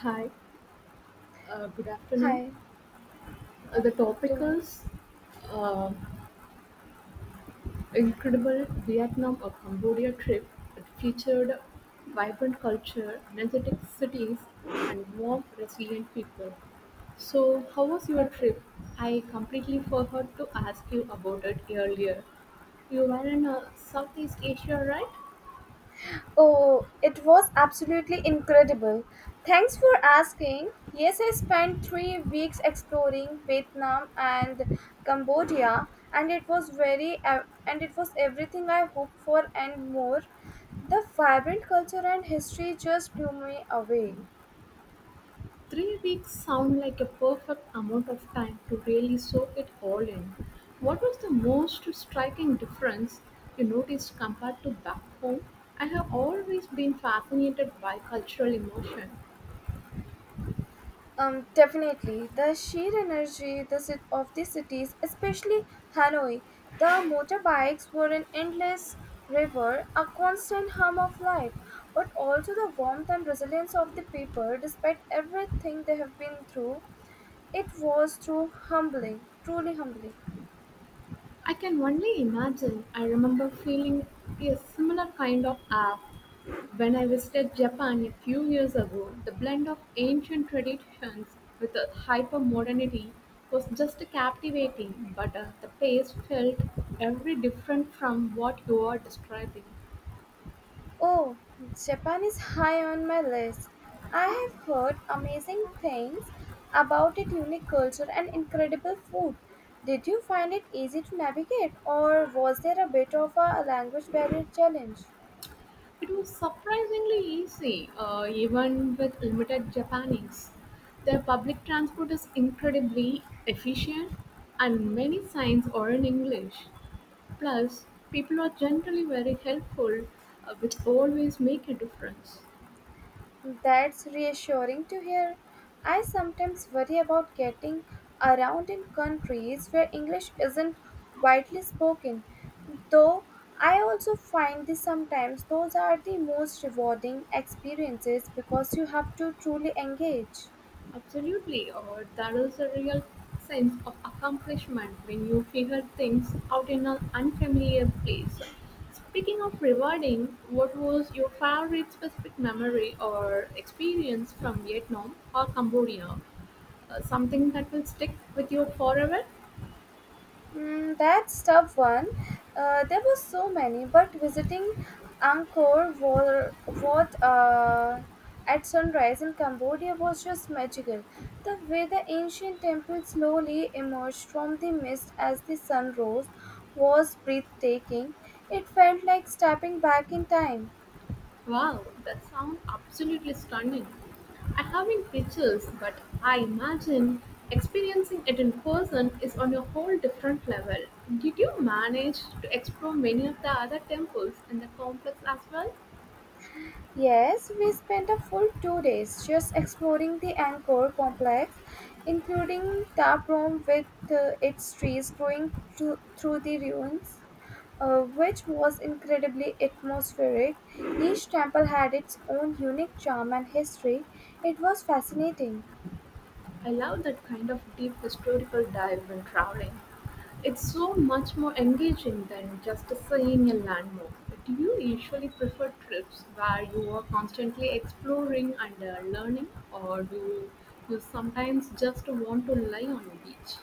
Hi, good afternoon. Hi, The topic afternoon. is uh, incredible Vietnam or Cambodia trip. It featured vibrant culture, energetic cities, and warm, resilient people. So, how was your Okay. trip? I completely forgot to ask you about it earlier. You were in Southeast Asia, right? Oh, it was absolutely incredible. Thanks for asking. Yes, I spent 3 weeks exploring Vietnam and Cambodia, and it was and it was everything I hoped for and more. The vibrant culture and history just blew me away. 3 weeks sound like a perfect amount of time to really soak it all in. What was the most striking difference you noticed compared to back home? I have always been fascinated by cultural immersion. Definitely. The sheer energy of the cities, especially Hanoi, the motorbikes were an endless river, a constant hum of life, but also the warmth and resilience of the people despite everything they have been through. It was through humbling, truly humbling. I can only imagine. I remember feeling a similar kind of awe when I visited Japan a few years ago. The blend of ancient traditions with a hyper modernity was just captivating, but the pace felt every different from what you are describing. Oh, Japan is high on my list. I have heard amazing things about its unique culture and incredible food. Did you find it easy to navigate, or was there a bit of a language barrier challenge? It was surprisingly easy, even with limited Japanese. Their public transport is incredibly efficient, and many signs are in English. Plus, people are generally very helpful, which always make a difference. That's reassuring to hear. I sometimes worry about getting around in countries where English isn't widely spoken, though I also find this sometimes those are the most rewarding experiences because you have to truly engage. Absolutely, or there is a real sense of accomplishment when you figure things out in an unfamiliar place. Speaking of rewarding, what was your favorite specific memory or experience from Vietnam or Cambodia? Something that will stick with you forever? Mm, that's tough one. There were so many, but visiting Angkor Wat, at sunrise in Cambodia was just magical. The way the ancient temple slowly emerged from the mist as the sun rose was breathtaking. It felt like stepping back in time. Wow, that sounds absolutely stunning. I haven't pictures, but I imagine experiencing it in person is on a whole different level. Did you manage to explore many of the other temples in the complex as well? Yes, we spent a full 2 days just exploring the Angkor complex, including tap room with its trees growing through the ruins, which was incredibly atmospheric. Each temple had its own unique charm and history. It was fascinating. I love that kind of deep historical dive when traveling. It's so much more engaging than just seeing a landmark. Do you usually prefer trips where you are constantly exploring and learning, or do you sometimes just want to lie on a beach?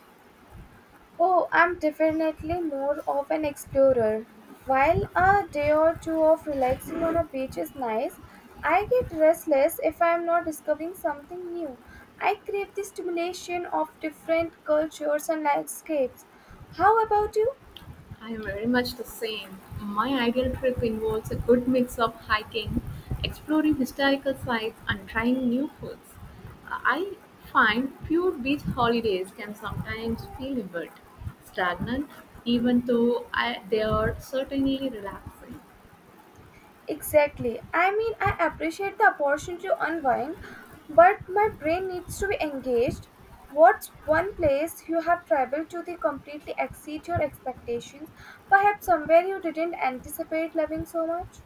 Oh, I'm definitely more of an explorer. While a day or two of relaxing on a beach is nice, I get restless if I'm not discovering something new. I crave the stimulation of different cultures and landscapes. How about you? I am very much the same. My ideal trip involves a good mix of hiking, exploring historical sites, and trying new foods. I find pure beach holidays can sometimes feel a bit stagnant, even though they are certainly relaxing. Exactly. I mean, I appreciate the opportunity to unwind, but my brain needs to be engaged. What's one place you have traveled to that completely exceed your expectations? Perhaps somewhere you didn't anticipate loving so much?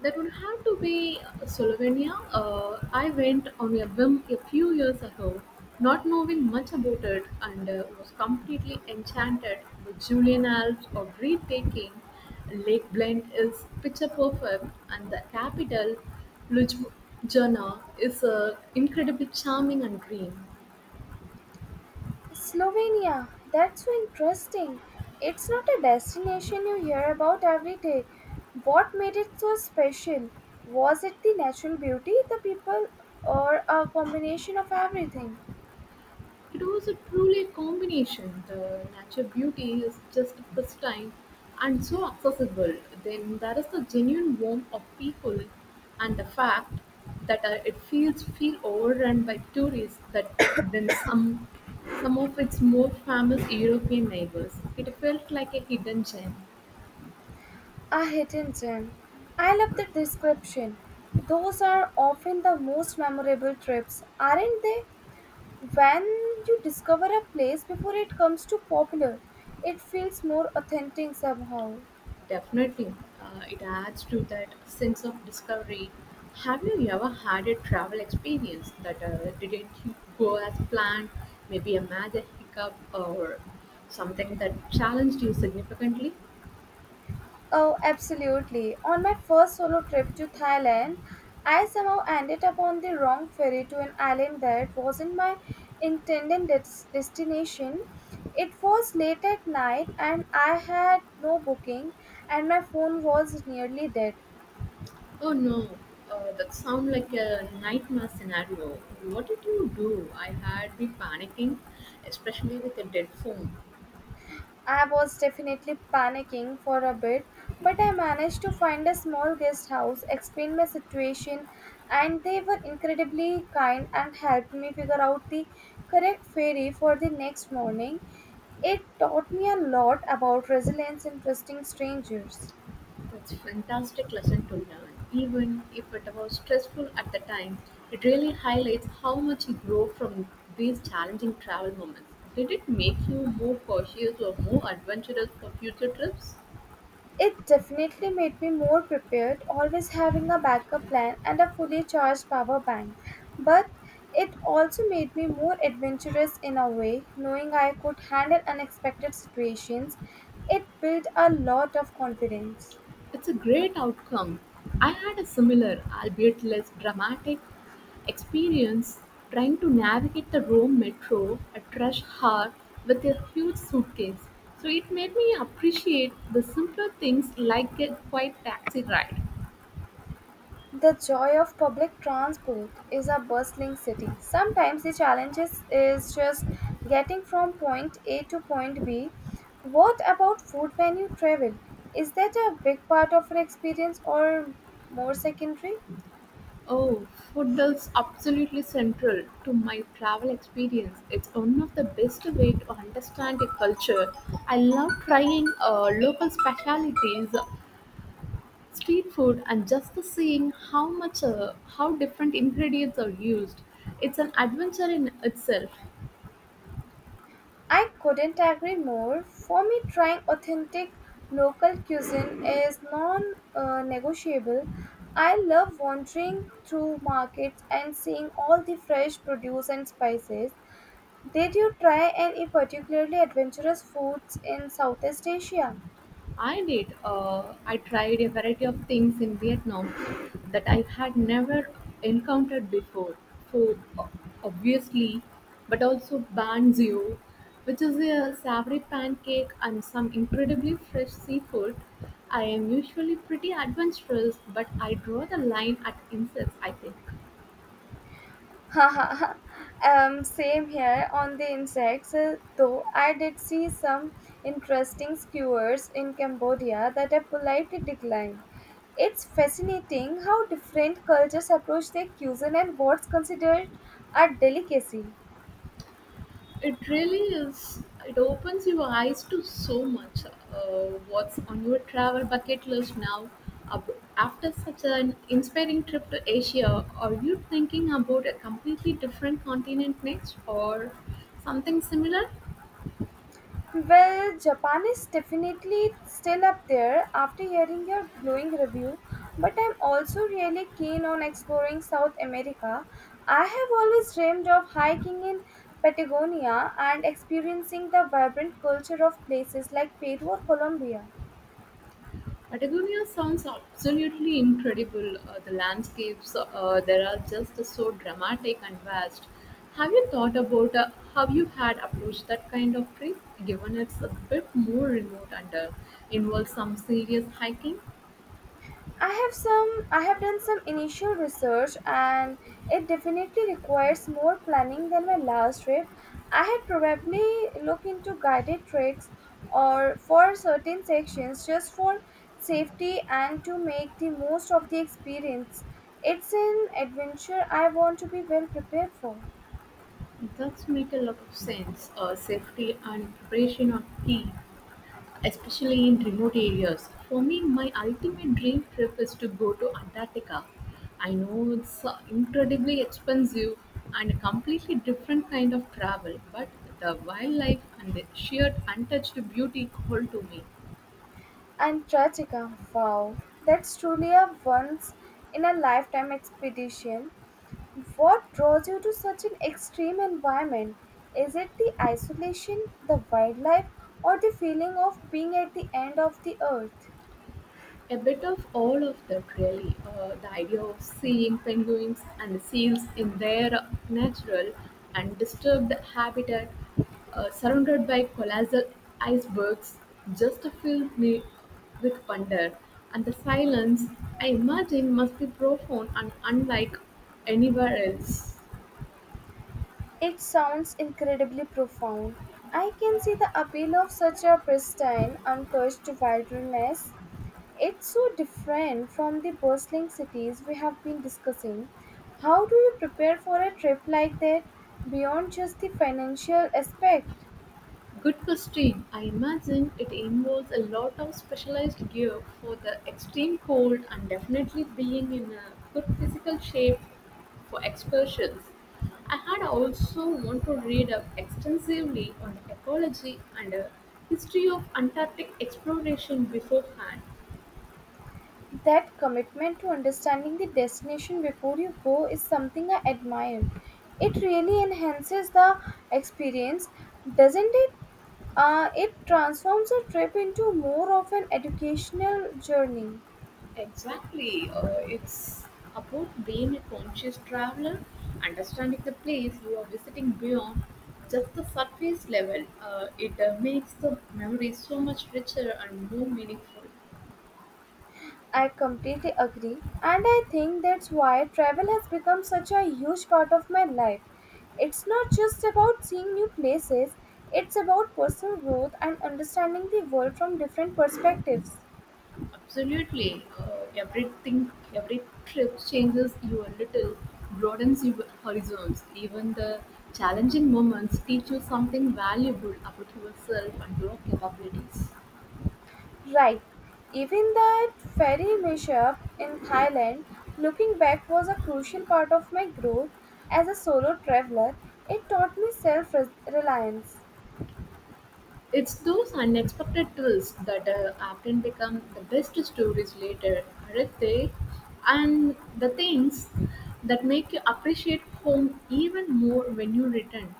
That would have to be Slovenia. I went on a whim a few years ago, not knowing much about it, and was completely enchanted. The Julian Alps are breathtaking, Lake Blend is picture perfect, and the capital, Ljubljana, is incredibly charming and green. Slovenia. That's so interesting. It's not a destination you hear about every day. What made it so special? Was it the natural beauty, the people, or a combination of everything? It was a truly combination. The natural beauty is just pristine and so accessible. Then there is the genuine warmth of people and the fact that it feel overrun by tourists that than some of its more famous European neighbors. It felt like a hidden gem. A hidden gem. I love the description. Those are often the most memorable trips, aren't they? When you discover a place before it comes too popular, it feels more authentic somehow. Definitely, it adds to that sense of discovery. Have you ever had a travel experience that didn't go as planned? Maybe a major hiccup or something that challenged you significantly? Oh, absolutely. On my first solo trip to Thailand, I somehow ended up on the wrong ferry to an island that wasn't my destination. It was late at night and I had no booking, and my phone was nearly dead. Oh no, that sounds like a nightmare scenario. What did you do? I had been panicking, especially with a dead phone. I was definitely panicking for a bit, but I managed to find a small guest house, explain my situation, and they were incredibly kind and helped me figure out the correct ferry for the next morning. It taught me a lot about resilience and trusting strangers. That's a fantastic lesson to learn. Even if it was stressful at the time, it really highlights how much you grow from these challenging travel moments. Did it make you more cautious or more adventurous for future trips? It definitely made me more prepared, always having a backup plan and a fully charged power bank. But it also made me more adventurous in a way, knowing I could handle unexpected situations. It built a lot of confidence. It's a great outcome. I had a similar, albeit less dramatic, experience trying to navigate the Rome metro at rush hour with a huge suitcase. So it made me appreciate the simpler things like a quiet taxi ride. The joy of public transport is a bustling city. Sometimes the challenge is just getting from point A to point B. What about food when you travel? Is that a big part of your experience or more secondary? Oh, food is absolutely central to my travel experience. It's one of the best way to understand a culture. I love trying local specialties, street food, and just seeing how much how different ingredients are used. It's an adventure in itself. I couldn't agree more. For me, trying authentic local cuisine is non negotiable. I love wandering through markets and seeing all the fresh produce and spices. Did you try any particularly adventurous foods in Southeast Asia? I did. I tried a variety of things in Vietnam that I had never encountered before. Food, obviously, but also banh ziu, which is a savory pancake and some incredibly fresh seafood. I am usually pretty adventurous, but I draw the line at insects, I think. Haha, same here on the insects, though I did see some interesting skewers in Cambodia that I politely declined. It's fascinating how different cultures approach their cuisine and what's considered a delicacy. It really is. It opens your eyes to so much. What's on your travel bucket list now? After such an inspiring trip to Asia, are you thinking about a completely different continent next or something similar? Well, Japan is definitely still up there after hearing your glowing review, but I'm also really keen on exploring South America. I have always dreamed of hiking in Patagonia and experiencing the vibrant culture of places like Peru or Colombia. Patagonia sounds absolutely incredible. The landscapes there are just so dramatic and vast. Have you thought about how you had approached that kind of trip, given it's a bit more remote and involves some serious hiking? I have done some initial research and it definitely requires more planning than my last trip. I had probably look into guided treks or for certain sections just for safety and to make the most of the experience. It's an adventure I want to be well prepared for. It does make a lot of sense. Safety and preparation are key, especially in remote areas. For me, my ultimate dream trip is to go to Antarctica. I know it's incredibly expensive and a completely different kind of travel, but the wildlife and the sheer untouched beauty call to me. And Trachica. Wow, that's truly a once in a lifetime expedition. What draws you to such an extreme environment? Is it the isolation, the wildlife, or the feeling of being at the end of the earth? A bit of all of that, really. The idea of seeing penguins and seals in their natural and disturbed habitat, surrounded by colossal icebergs, just filled me with wonder. And the silence, I imagine, must be profound and unlike anywhere else. It sounds incredibly profound. I can see the appeal of such a pristine, untouched wilderness. It's so different from the bustling cities we have been discussing. How do you prepare for a trip like that beyond just the financial aspect? Good question. I imagine it involves a lot of specialized gear for the extreme cold and definitely being in a good physical shape for excursions. I had also want to read up extensively on the ecology and history of Antarctic exploration beforehand. That commitment to understanding the destination before you go is something I admire. It really enhances the experience, doesn't it? It transforms a trip into more of an educational journey. Exactly. It's about being a conscious traveler, understanding the place you are visiting beyond just the surface level. It makes the memory so much richer and more meaningful. I completely agree, and I think that's why travel has become such a huge part of my life. It's not just about seeing new places, it's about personal growth and understanding the world from different perspectives. Absolutely. Everything, every trip changes you a little, broadens your horizons. Even the challenging moments teach you something valuable about yourself and your capabilities. Right. Even that ferry mishap in Thailand, looking back, was a crucial part of my growth as a solo traveler. It taught me self reliance. It's those unexpected twists that often become the best stories later, aren't they? And the things that make you appreciate home even more when you return.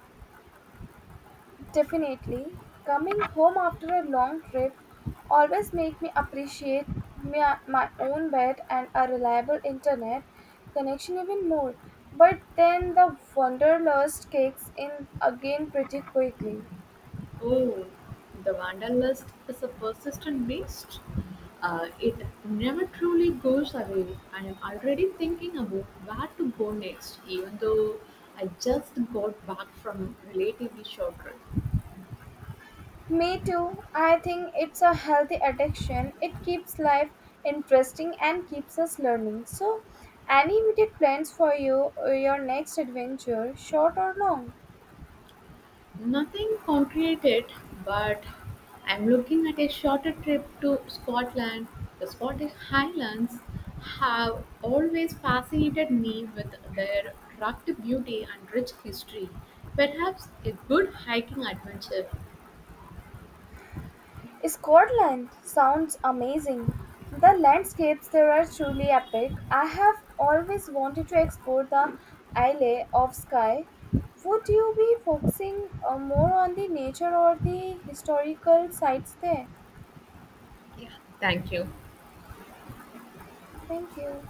Definitely, coming home after a long trip always make me appreciate my own bed and a reliable internet connection even more. But then the wanderlust kicks in again pretty quickly. Oh, the wanderlust is a persistent beast. It never truly goes away. I am already thinking about where to go next, even though I just got back from a relatively short trip. Me too. I think it's a healthy addiction. It keeps life interesting and keeps us learning. So, any immediate plans for you or your next adventure, short or long? Nothing concrete yet, but I'm looking at a shorter trip to Scotland. The Scottish Highlands have always fascinated me with their rugged beauty and rich history. Perhaps a good hiking adventure. Scotland sounds amazing. The landscapes there are truly epic. I have always wanted to explore the Isle of Skye. Would you be focusing more on the nature or the historical sites there? Yeah, thank you. Thank you.